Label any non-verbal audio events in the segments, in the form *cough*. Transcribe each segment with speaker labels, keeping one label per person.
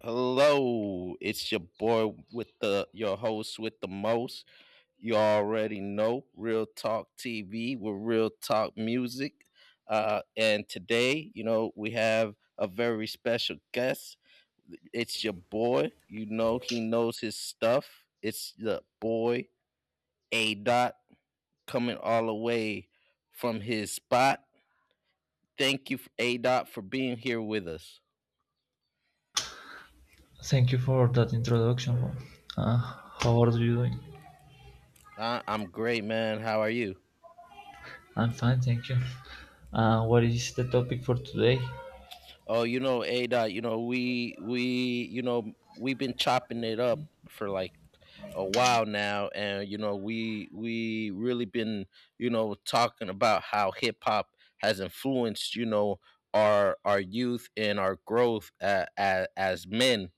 Speaker 1: Hello, it's your boy with the your host with the most. You already know Real Talk TV with Real Talk Music. And today, we have a very special guest. It's your boy. You know, he knows his stuff. It's the boy A Dot coming all the way from his spot. Thank you, A Dot, for being here with us.
Speaker 2: Thank you for that introduction. Uh, how are you doing?
Speaker 1: I'm great, man. How are you?
Speaker 2: I'm fine, thank you. What is the topic for today?
Speaker 1: Oh, A Dot, we we've been chopping it up for like a while now, and we really been, talking about how hip hop has influenced, our youth and our growth, as, men.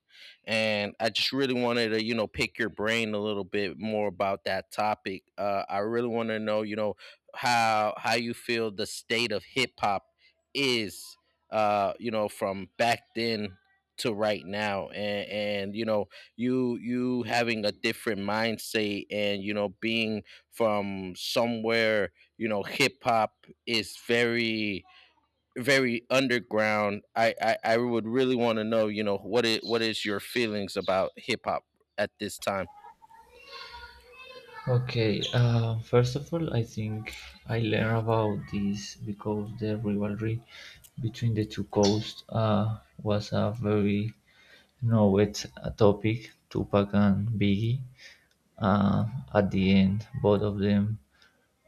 Speaker 1: And I just really wanted to, pick your brain a little bit more about that topic. I really want to know, how you feel the state of hip hop is, from back then to right now, and and you know, you having a different mindset, and being from somewhere. Hip hop is very very underground. I would really want to know, what it, what is your feelings about hip hop at this time.
Speaker 2: Okay, first of all, I think I learned about this because the rivalry between the two coasts was a very noted topic, Tupac and Biggie. Uh, at the end, both of them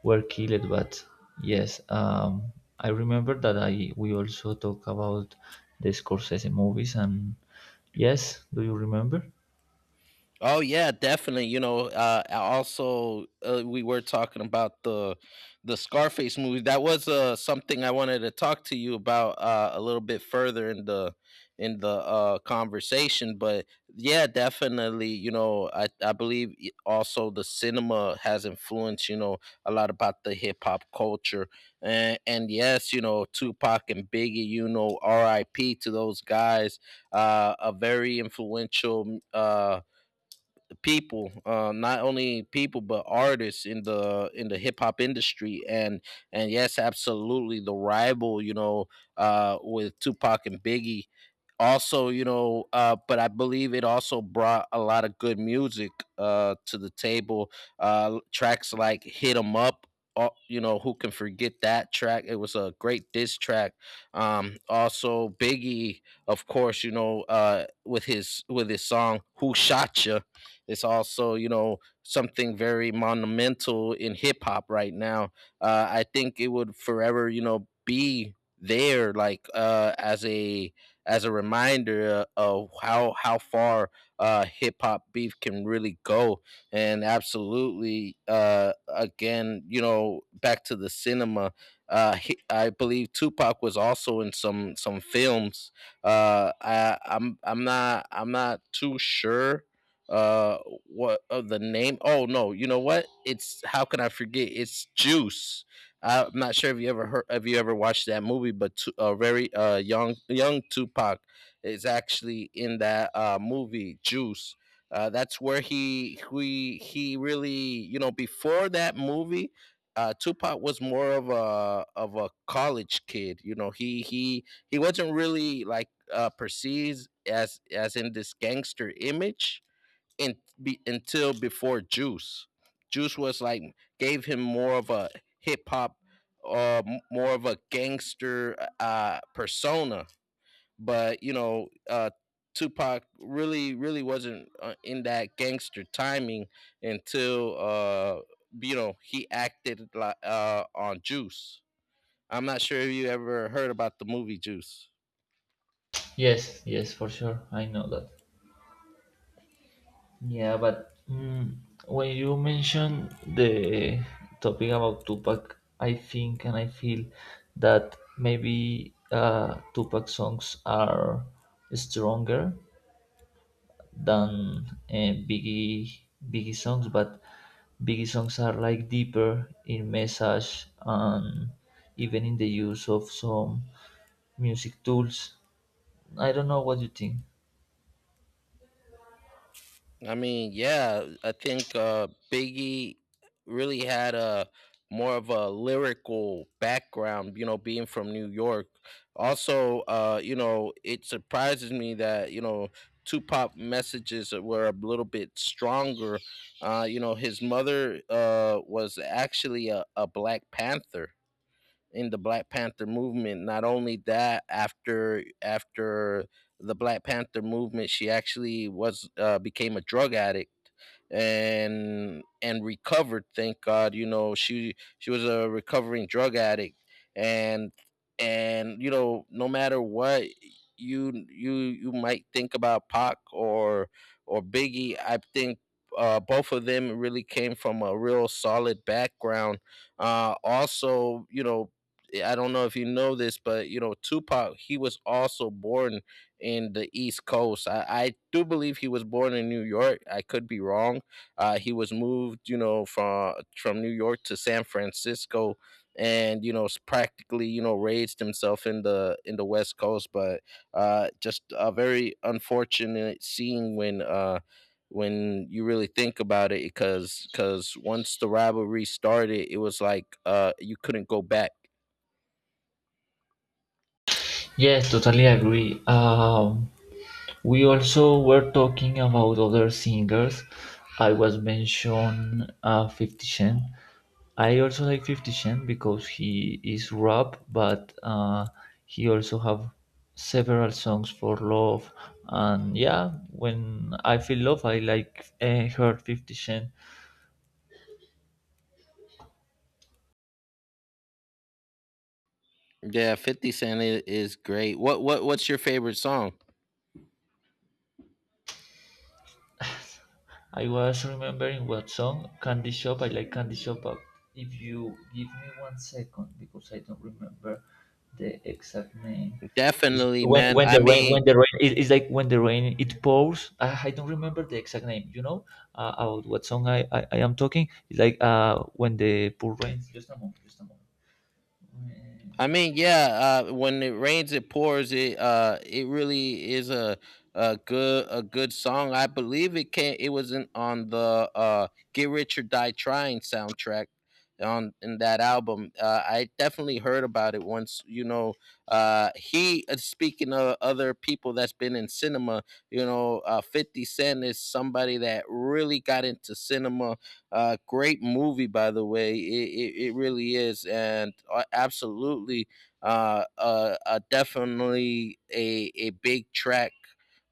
Speaker 2: were killed but yes, I remember that I we also talk about the Scorsese movies and yes, do you remember?
Speaker 1: Oh yeah, definitely. You know, I also, we were talking about the Scarface movie. That was, something I wanted to talk to you about, a little bit further in the conversation. But yeah, definitely. You know, I believe also the cinema has influenced, a lot about the hip hop culture. And yes, you know, Tupac and Biggie. You know, R.I.P. to those guys. A very influential. People, not only people but artists in the hip hop industry. And yes, absolutely, the rival, with Tupac and Biggie, also, but I believe it also brought a lot of good music to the table. Tracks like "Hit 'Em Up," you know, who can forget that track? It was a great diss track. Also Biggie, of course, you know, with his song "Who Shot Ya," it's also, you know, something very monumental in hip hop right now. I think it would forever, you know, be there like as a reminder, of how far, hip hop beef can really go. And absolutely, again, you know, back to the cinema. I believe Tupac was also in some films. I'm not too sure uh what of the name. Oh no, you know what, it's, how can I forget, it's Juice. I'm not sure if you ever heard, if you ever watched that movie, but very young Tupac is actually in that movie Juice. That's where he really, you know, before that movie, Tupac was more of a college kid. You know, he wasn't really like, perceived as, in this gangster image in, until before Juice. Juice was like gave him more of a hip hop, uh, more of a gangster, persona. But you know, Tupac really, really wasn't, in that gangster timing until, you know, he acted like, on Juice. I'm not sure if you ever heard about the movie Juice.
Speaker 2: Yes, yes, for sure, I know that. Yeah, but when you mention the topic about Tupac, I think and I feel that maybe Tupac songs are stronger than Biggie songs, but Biggie songs are like deeper in message and even in the use of some music tools. I don't know what you think.
Speaker 1: I mean, yeah, I think, Biggie really had a more of a lyrical background, you know, being from New York. Also, you know, it surprises me that, you know, Tupac messages were a little bit stronger. You know, his mother, was actually a Black Panther in the Black Panther movement. Not only that, after the Black Panther movement, she actually was, became a drug addict and recovered. Thank God, you know, she was a recovering drug addict, and you know, no matter what you might think about Pac or Biggie, I think both of them really came from a real solid background. Also, you know, I don't know if you know this, but you know, Tupac, he was also born in the East Coast. I do believe he was born in New York. I could be wrong. He was moved, you know, from New York to San Francisco, and you know, practically, you know, raised himself in the West Coast. But just a very unfortunate scene when. When you really think about it, because once the rivalry started, it was like, you couldn't go back.
Speaker 2: Yes, totally agree. We also were talking about other singers. I was mentioned 50 Cent. I also like 50 Cent because he is rap, but he also have several songs for love. And yeah, when I feel love, I like heard 50 Cent.
Speaker 1: Yeah, 50 Cent is great. What what's your favorite song?
Speaker 2: I was remembering what song, Candy Shop, I like Candy Shop, but if you give me 1 second, because I don't remember the exact name. It's
Speaker 1: Definitely,
Speaker 2: when
Speaker 1: man.
Speaker 2: when
Speaker 1: I
Speaker 2: the rain
Speaker 1: mean,
Speaker 2: when the rain it's like when the rain it pours. I don't remember the exact name. You know about what song I am talking. It's like when the pour rains. Just a moment. Just a moment. When the-
Speaker 1: yeah. When it rains, it pours. It, it really is a a good song. I believe it can. It was in, on the, "Get Rich or Die Trying" soundtrack, on in that album. I definitely heard about it once. You know, he, speaking of other people that's been in cinema. You know, Fifty Cent is somebody that really got into cinema, great movie, by the way. It really is. And absolutely, definitely a big track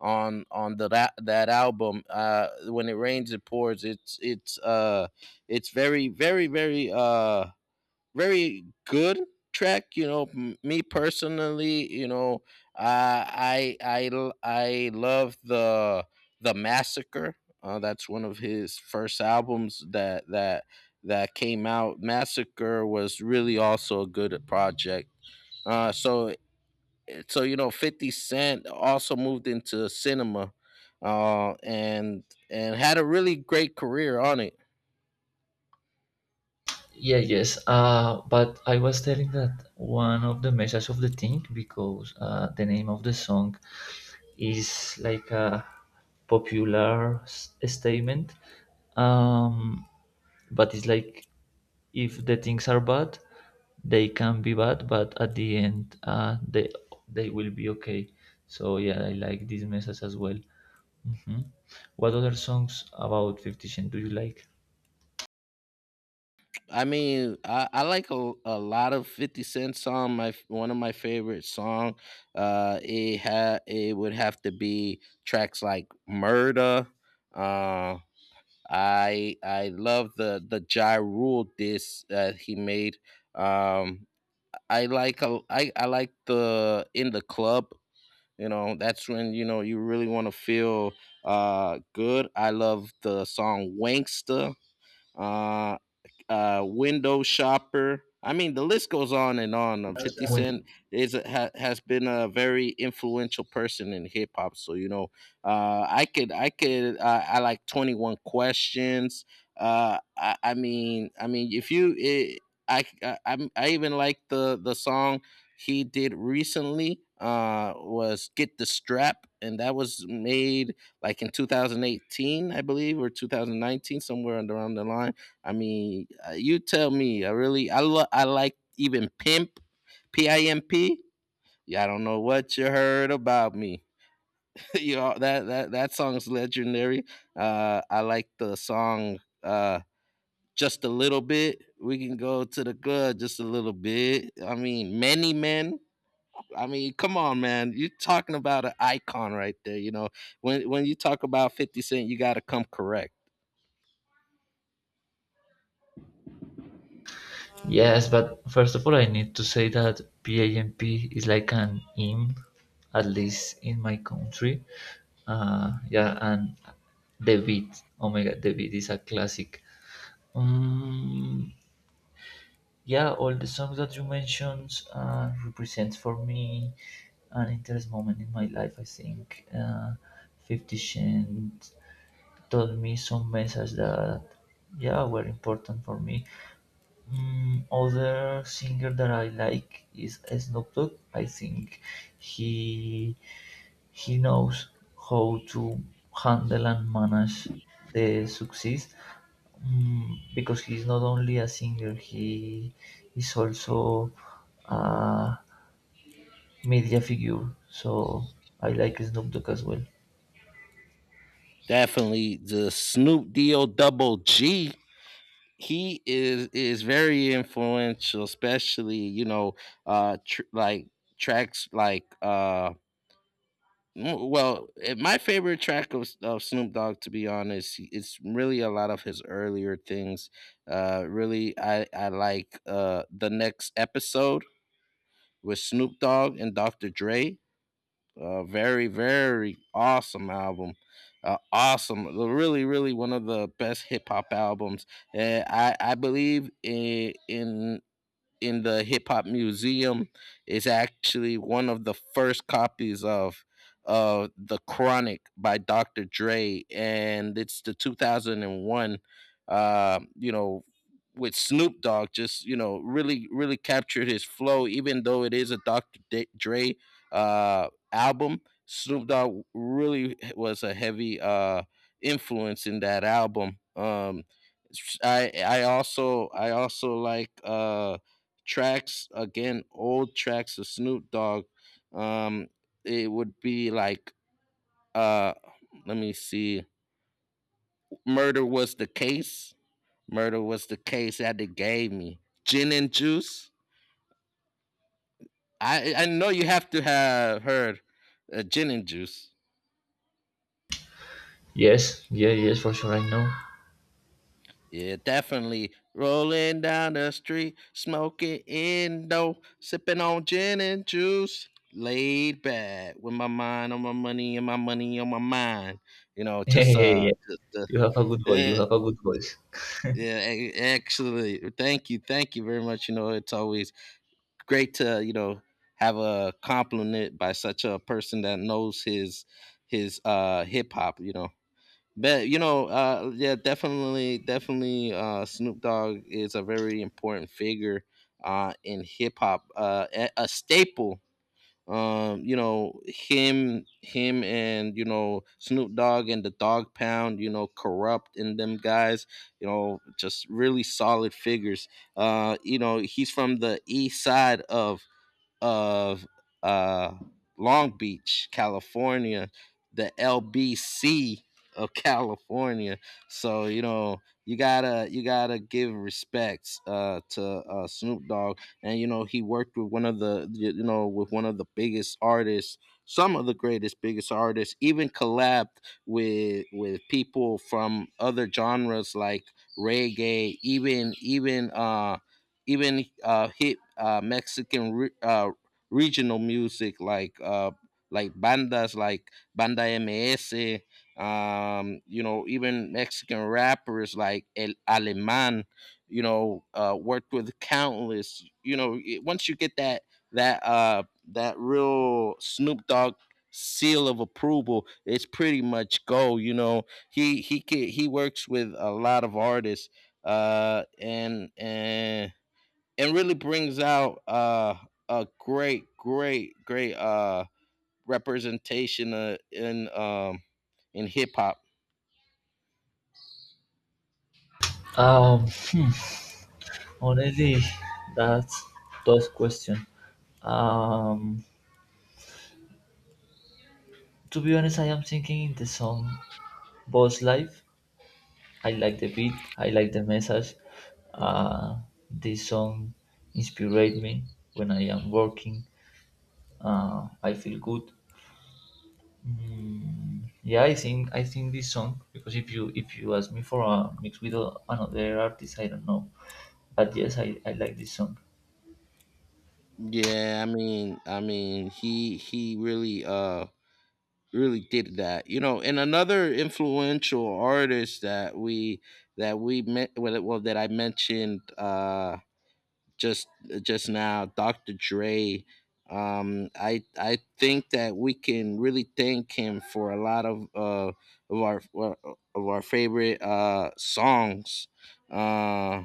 Speaker 1: on the that, album. When it rains, it pours. It's, it's very very very, very good track. You know, me personally, you know, I love the Massacre, that's one of his first albums that came out. Massacre was really also a good project. So you know, 50 Cent also moved into cinema, and had a really great career on it.
Speaker 2: Yeah, yes. But I was telling that one of the messages of the thing because the name of the song is like a popular statement. Um, but it's like if the things are bad, they can be bad, but at the end, they will be okay. So yeah, I like this message as well. Mhm. What other songs about 50 Cent do you like?
Speaker 1: I mean, I like a lot of Fifty Cent song. One of my favorite song, it would have to be tracks like "Murder." Uh, I love the Ja Rule diss that he made. Um, I like the "In the Club." You know, that's when you know you really want to feel good. I love the song "Wankster." Uh, window shopper. I mean, the list goes on and on. Fifty Cent is has been a very influential person in hip hop. So you know, I could, I like 21 Questions. I mean, if you, it, I even like the song he did recently. Was get the strap, and that was made like in 2018, I believe, or 2019, somewhere around the line. I mean, you tell me. I really, I like even pimp, P I M P. Yeah, I don't know what you heard about me. *laughs* You know that that song's legendary. I like the song, just a little bit. We can go to the good just a little bit. I mean, many men. I mean, come on, man. You're talking about an icon right there. You know, when you talk about Fifty Cent, you got to come correct.
Speaker 2: Yes, but first of all, I need to say that PAMP is like an hymn, at least in my country. Yeah, and the beat, oh my god, the beat is a classic. Um, yeah, all the songs that you mentioned represents for me an interest moment in my life. I think 50 Cent told me some messages that yeah were important for me. Other singer that I like is Snoop Dogg. I think he he knows how to handle and manage the success, because he's not only a singer, he is also a media figure. So I like Snoop Dogg as well.
Speaker 1: Definitely the Snoop D O Double G, he is very influential, especially, you know, like tracks like, well, my favorite track of Snoop Dogg, to be honest, it's really a lot of his earlier things. Really, I like, the next episode with Snoop Dogg and Dr. Dre. A very, very awesome album. Awesome. Really, really one of the best hip hop albums. I believe in the Hip Hop Museum is actually one of the first copies of The Chronic by Dr. Dre. And it's the 2001, you know, with Snoop Dogg, just, you know, really, really captured his flow, even though it is a Dre, album. Snoop Dogg really was a heavy, influence in that album. I also, I also like, tracks again, old tracks of Snoop Dogg. Um, it would be like, uh, let me see, Murder was the case. Murder was the case that they gave me. Gin and juice. I know you have to have heard, gin and juice.
Speaker 2: Yes, yeah, yes, for sure, I know.
Speaker 1: Yeah, definitely. Rolling down the street, smoking indo, sipping on gin and juice. Laid back with my mind on my money and my money on my mind. You know,
Speaker 2: *laughs*
Speaker 1: just,
Speaker 2: Yeah, you have a good voice. You
Speaker 1: eh,
Speaker 2: have a good voice.
Speaker 1: yeah, actually, thank you very much. You know, it's always great to, you know, have a compliment by such a person that knows his hip hop. You know, but you know, yeah, definitely, Snoop Dogg is a very important figure, in hip hop, a staple. You know, him, and you know, Snoop Dogg and the Dog Pound. You know, corrupt and them guys. You know, just really solid figures. You know, he's from the east side of uh, Long Beach, California, the LBC of *laughs* California. So you know you gotta give respects to Snoop Dogg, and you know he worked with one of the you know with one of the biggest artists, some of the greatest biggest artists, even collabed with people from other genres like reggae, even even even hit Mexican re- regional music like bandas like Banda MS. You know, even Mexican rappers like El Aleman, you know, worked with countless, you know, once you get that uh that real Snoop Dogg seal of approval, it's pretty much go, you know. He works with a lot of artists uh and and and really brings out a great representation in hip hop.
Speaker 2: Um, Honestly that's tough question. Um, to be honest, I am thinking the song "Boss Life." I like the beat. I like the message. Uh, this song inspirate me when I am working. I feel good. Yeah, I think this song because if you ask me for a mix with another artist, I don't know. But yes, I like this song.
Speaker 1: Yeah, I mean, he really really did that. You know, and another influential artist that we met well, well that I mentioned just now, Dr. Dre. I think that we can really thank him for a lot of our uh, of our favorite songs. Uh,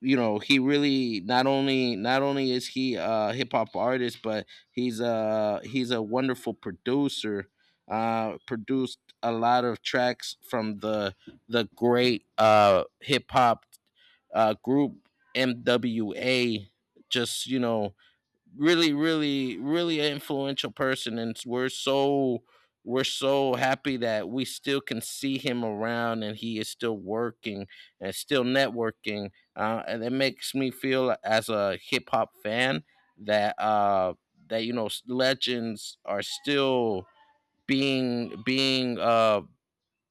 Speaker 1: you know he really not only is he a hip hop artist, but he's a wonderful producer, produced a lot of tracks from the great hip hop group MWA. Just you know, really, an influential person, and we're so happy that we still can see him around, and he is still working and still networking. And it makes me feel as a hip hop fan that uh, that you know legends are still being being uh,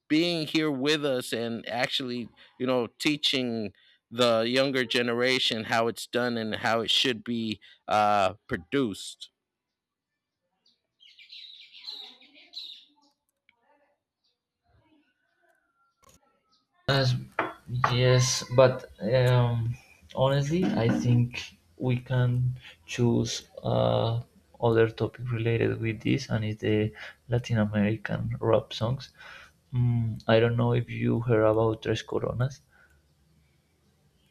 Speaker 1: being here with us, and actually, you know, teaching the younger generation how it's done and how it should be produced.
Speaker 2: As yes, but honestly, I think we can choose other topic related with this, and it's the Latin American rap songs. I don't know if you heard about Tres Coronas.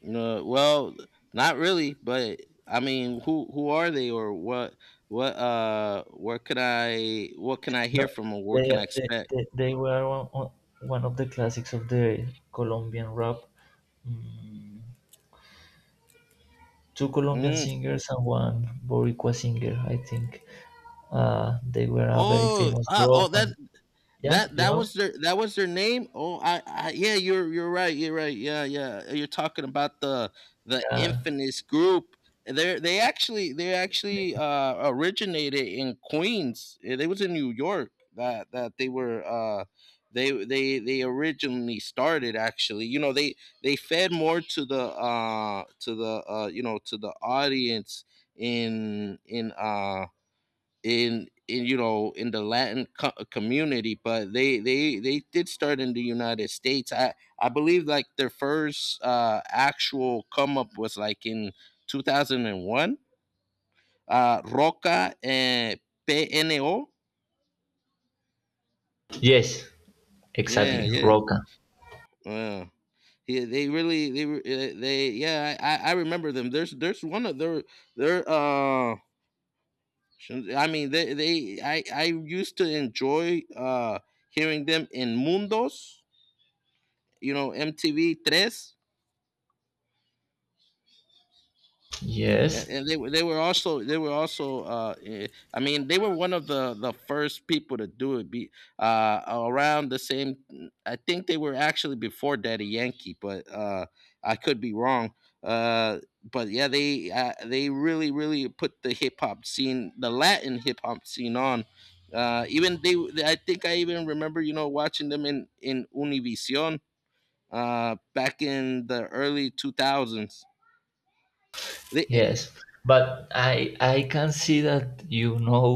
Speaker 1: You know, well, not really, but I mean, who are they, or what can I
Speaker 2: No,
Speaker 1: hear from, or what
Speaker 2: they
Speaker 1: can I expect?
Speaker 2: they were one of the classics of the Colombian rap. Mm, two Colombian
Speaker 1: Mm.
Speaker 2: singers and one Boricua singer, I think. They were a very
Speaker 1: Oh,
Speaker 2: famous
Speaker 1: uh, oh,
Speaker 2: group,
Speaker 1: that
Speaker 2: and yeah,
Speaker 1: That
Speaker 2: you
Speaker 1: that
Speaker 2: know.
Speaker 1: was their name. Oh, I yeah, you're right. You're right. Yeah, yeah. You're talking about the
Speaker 2: Yeah,
Speaker 1: infamous group. They actually originated in Queens. They was in New York that they were they originally started. Actually, you know they fed more to the you know to the audience in in uh, in you know in the Latin community, but they did start in the United States. I believe like their first actual come up was like in 2001. Roca and PNO.
Speaker 2: yes,
Speaker 1: Yeah,
Speaker 2: exactly,
Speaker 1: yeah,
Speaker 2: Roca.
Speaker 1: yeah. Yeah, they really they were- they yeah, I remember them. There's one of their I mean they I used to enjoy hearing them in Mundos, you know MTV Tres,
Speaker 2: Yes,
Speaker 1: and they were also I mean they were one of the first people to do it. Be around the same. I think they were actually before Daddy Yankee, but I could be wrong. Uh, but yeah, they really really put the hip hop scene, the Latin hip hop scene on. Uh, even they, I think I even remember, you know, watching them in Univision back in the early 2000s. The- eh,
Speaker 2: yes, but I can see that you know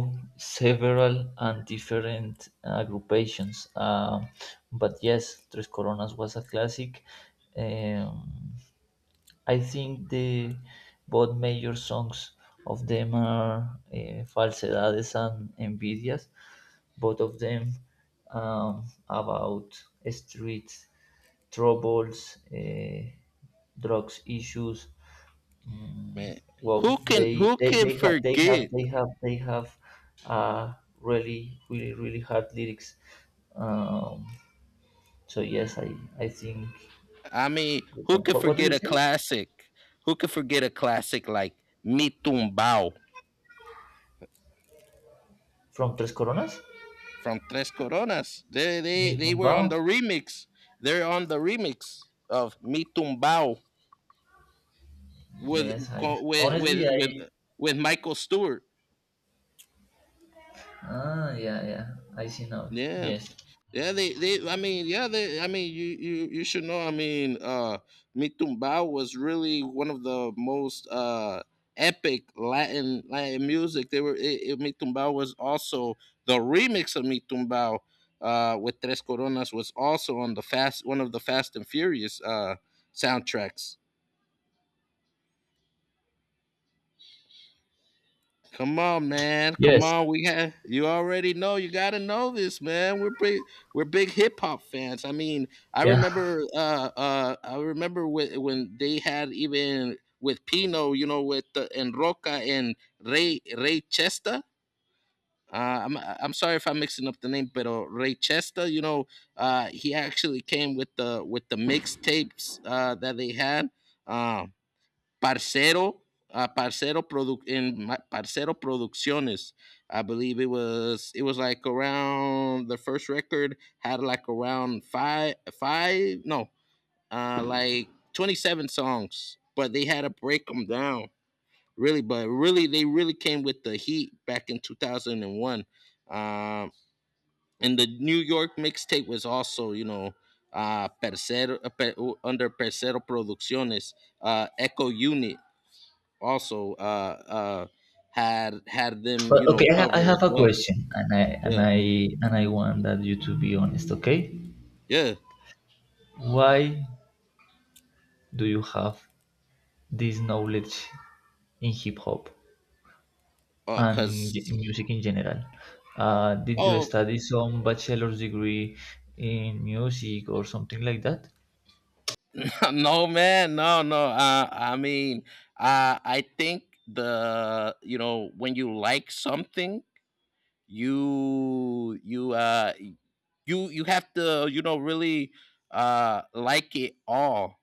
Speaker 2: several and different agrupations, but yes, Tres Coronas was a classic. um, I think the both major songs of them are Falsedades and Envidias, both of them, about street troubles, drugs issues. Mm,
Speaker 1: Man,
Speaker 2: well,
Speaker 1: who can who can
Speaker 2: they have they have
Speaker 1: forget?
Speaker 2: they have they have uh, really hard lyrics. Um, so yes, I think.
Speaker 1: I mean, who can
Speaker 2: What do
Speaker 1: forget
Speaker 2: you
Speaker 1: a
Speaker 2: say?
Speaker 1: classic? Who can forget a classic like Mi Tumbao
Speaker 2: From Tres Coronas?
Speaker 1: from Tres Coronas? They
Speaker 2: Mi
Speaker 1: they they were
Speaker 2: Tumbao?
Speaker 1: on the remix. They're on the remix of Mi Tumbao with
Speaker 2: Yes, I
Speaker 1: co- with
Speaker 2: honestly
Speaker 1: with with,
Speaker 2: I-
Speaker 1: with Michael Stewart.
Speaker 2: ah, yeah, yeah, I see now.
Speaker 1: Yeah.
Speaker 2: Yes.
Speaker 1: Yeah, they I mean, yeah, they I mean you should know, I mean, Mitumbao was really one of the most epic Latin Latin music. They were Mitumbao was also the remix of Mitumbao with Tres Coronas was also on the fast one of the Fast and Furious soundtracks. Come on, man. Come
Speaker 2: Yes.
Speaker 1: on. We have you already know. You gotta know this, man. We're big. We're big hip hop fans. I mean, I
Speaker 2: Yeah.
Speaker 1: remember. I remember when they had even with Pino, you know, with and Roca and Ray Chester. I'm sorry if I'm mixing up the name, but Ray Chester, you know, he actually came with the mixtapes that they had. um. Parcero, Parcero Parcero Producciones. I believe it was like around the first record had like around five five no like 27 songs, but they had to break them down really. But really, they really came with the heat back in 2001. Um, and the New York mixtape was also, you know, Parcero under Parcero Producciones, Echo Unit also uh had them
Speaker 2: But
Speaker 1: you know
Speaker 2: okay, I, I
Speaker 1: covered as
Speaker 2: have a
Speaker 1: well.
Speaker 2: question, and I and
Speaker 1: Yeah,
Speaker 2: I and I want that you to be honest. Okay,
Speaker 1: yeah.
Speaker 2: why do you have this knowledge in hip hop and in, in
Speaker 1: Cuz
Speaker 2: music in general? Did you
Speaker 1: Oh.
Speaker 2: study some bachelor's degree in music or something like that?
Speaker 1: *laughs* No, man, no, no, I mean, I think the, you know, when you like something, you you uh you you have to, you know, really like it all.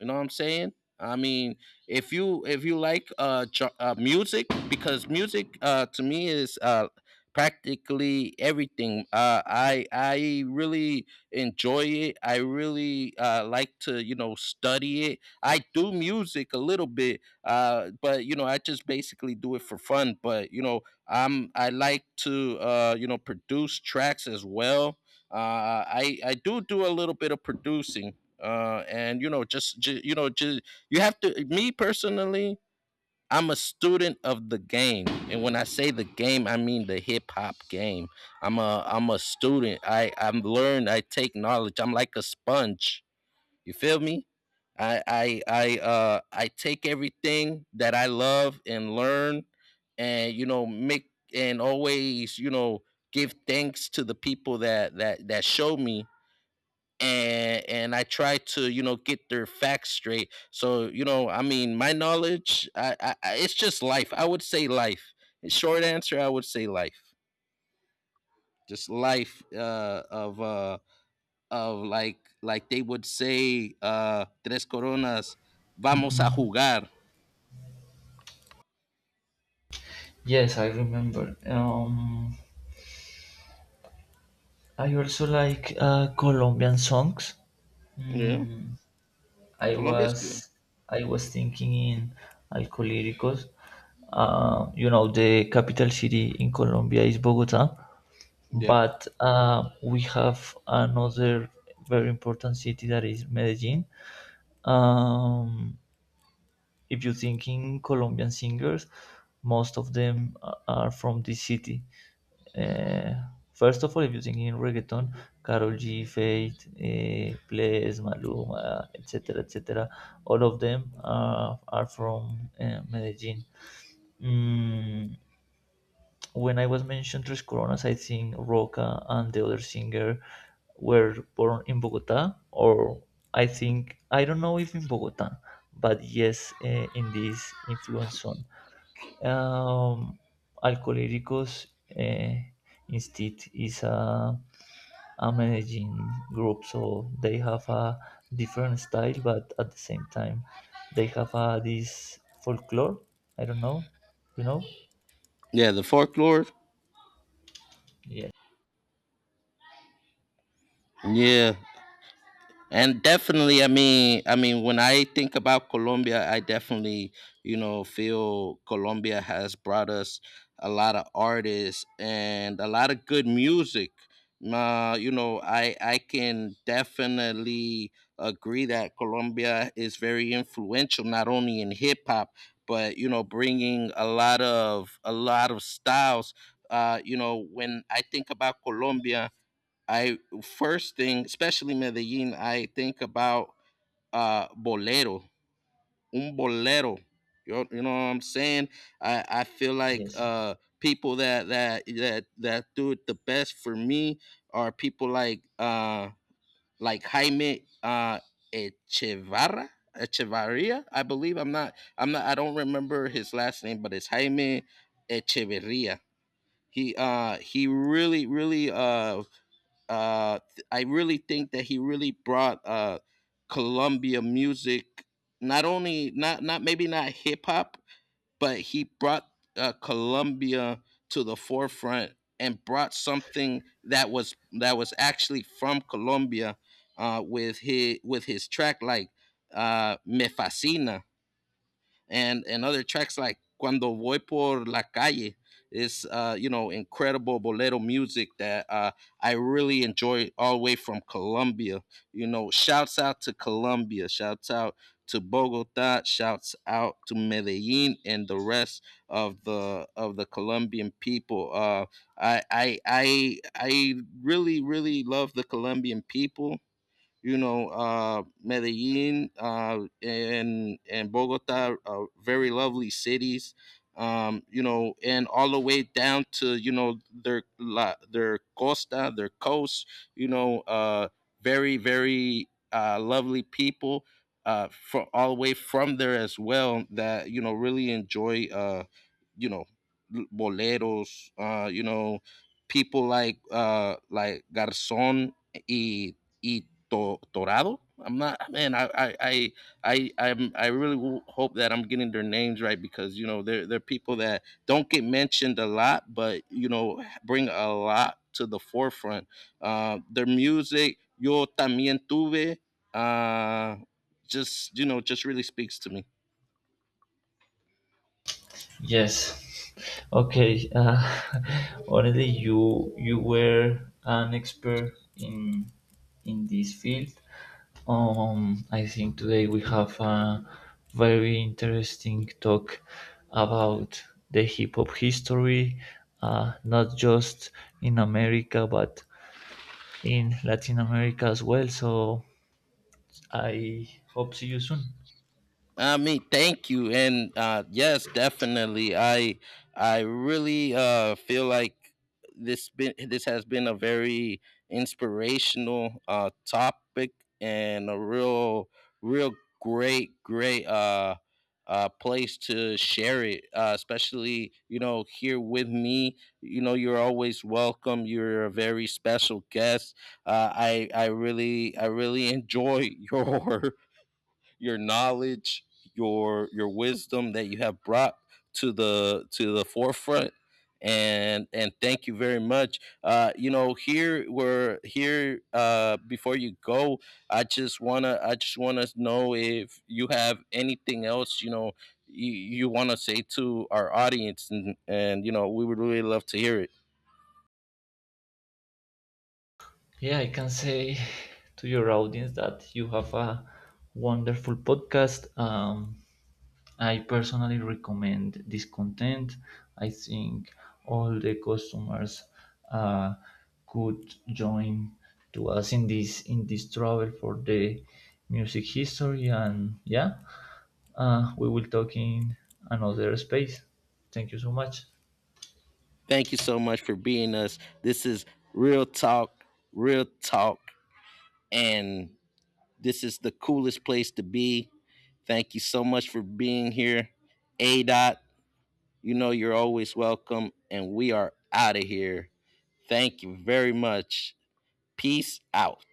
Speaker 1: You know what I'm saying? I mean, if you music, because music to me is practically everything. I really enjoy it. I really like to, you know, study it. I do music a little bit, but you know, I just basically do it for fun. But you know, I like to, you know, produce tracks as well. I do do a little bit of producing. And you know, just, you have to. Me personally, I'm a student of the game, and when I say the game, I mean the hip hop game. I'm a student. I'm learned. I take knowledge. I'm like a sponge. You feel me? I take everything that I love and learn, and you know, make and always, you know, give thanks to the people that show me, and I try to, you know, get their facts straight. So, you know, I mean, my knowledge, it's just life. I would say life. In short answer, I would say life. Just life of like they would say, tres coronas, vamos a jugar.
Speaker 2: Yes, I remember. I also like Colombian songs.
Speaker 1: Yeah.
Speaker 2: Mm, I
Speaker 1: Colombia's good.
Speaker 2: was I was thinking in Alcohólicos. You know, the capital city in Colombia is Bogota,
Speaker 1: Yep.
Speaker 2: but we have another very important city that is Medellin. Um, if you think in Colombian singers, most of them are from this city. Uh, first of all, if you think in reggaeton, Karol G, Faith, Bless, Maluma, etc., etc., all of them are from Medellin. Mm, when I was mentioned Tres Coronas, I think Roca and the other singer were born in Bogota, or I think I don't know if in Bogota, but yes, in this influence zone. Um, Alcohólicos, instead is a Medellin group, so they have a different style, but at the same time, they have this folklore. I don't know, you know?
Speaker 1: Yeah, the folklore.
Speaker 2: Yes,
Speaker 1: Yeah, and definitely, I mean when I think about Colombia, I definitely, you know, feel Colombia has brought us a lot of artists and a lot of good music. You know, I can definitely agree that Colombia is very influential not only in hip hop, but you know, bringing a lot of styles. You know, when I think about Colombia, I first thing, especially Medellin, I think about bolero, un bolero. You know what I'm saying? I feel like
Speaker 2: yes.
Speaker 1: people that do it the best for me are people like Jaime Echevarra. Echevarria, I believe. I'm not. I'm not. I don't remember his last name, but it's Jaime Echeverria. He really really uh, I really think that he really brought Columbia music, not only not not maybe not hip hop, but he brought Columbia to the forefront, and brought something that was actually from Colombia, with his track like "Me Fascina," and other tracks like Cuando Voy por la Calle, is you know, incredible bolero music that I really enjoy all the way from Colombia. You know, shouts out to Colombia, shouts out to Bogota, shouts out to Medellin, and the rest of the Colombian people. I really really love the Colombian people, you know, Medellin and Bogota are very lovely cities. You know, and all the way down to, you know, their their costa, their coast. You know, very very lovely people from all the way from there as well, that you know really enjoy. You know, boleros. You know, people like Garzon y y Torado. I'm not man. I I'm, I really hope that I'm getting their names right, because you know they're people that don't get mentioned a lot, but you know, bring a lot to the forefront. Their music, Yo También Tuve, uh, just you know, just really speaks to me.
Speaker 2: Yes. Okay. *laughs* Already you were an expert in this field. I think today we have a very interesting talk about the hip hop history, not just in America but in Latin America as well. So I hope see you soon.
Speaker 1: I mean, thank you, and yes, definitely. I really feel like this has been a very inspirational topic, and a real, great place to share it. Especially you know here with me. You know, you're always welcome. You're a very special guest. I really I really enjoy *laughs* your knowledge, your wisdom that you have brought to the forefront. And thank you very much. You know, here we're here. Before you go, I just wanna know if you have anything else. You know, you want to say to our audience, and you know, we would really love to hear it.
Speaker 2: Yeah, I can say to your audience that you have a wonderful podcast. I personally recommend this content. I think all the customers uh, could join to us in this travel for the music history, and yeah, we will talk in another space. Thank you so much.
Speaker 1: Thank you so much for being us. This is real talk, real talk, and this is the coolest place to be. Thank you so much for being here. A dot, you know, you're always welcome, and we are out of here. Thank you very much. Peace out.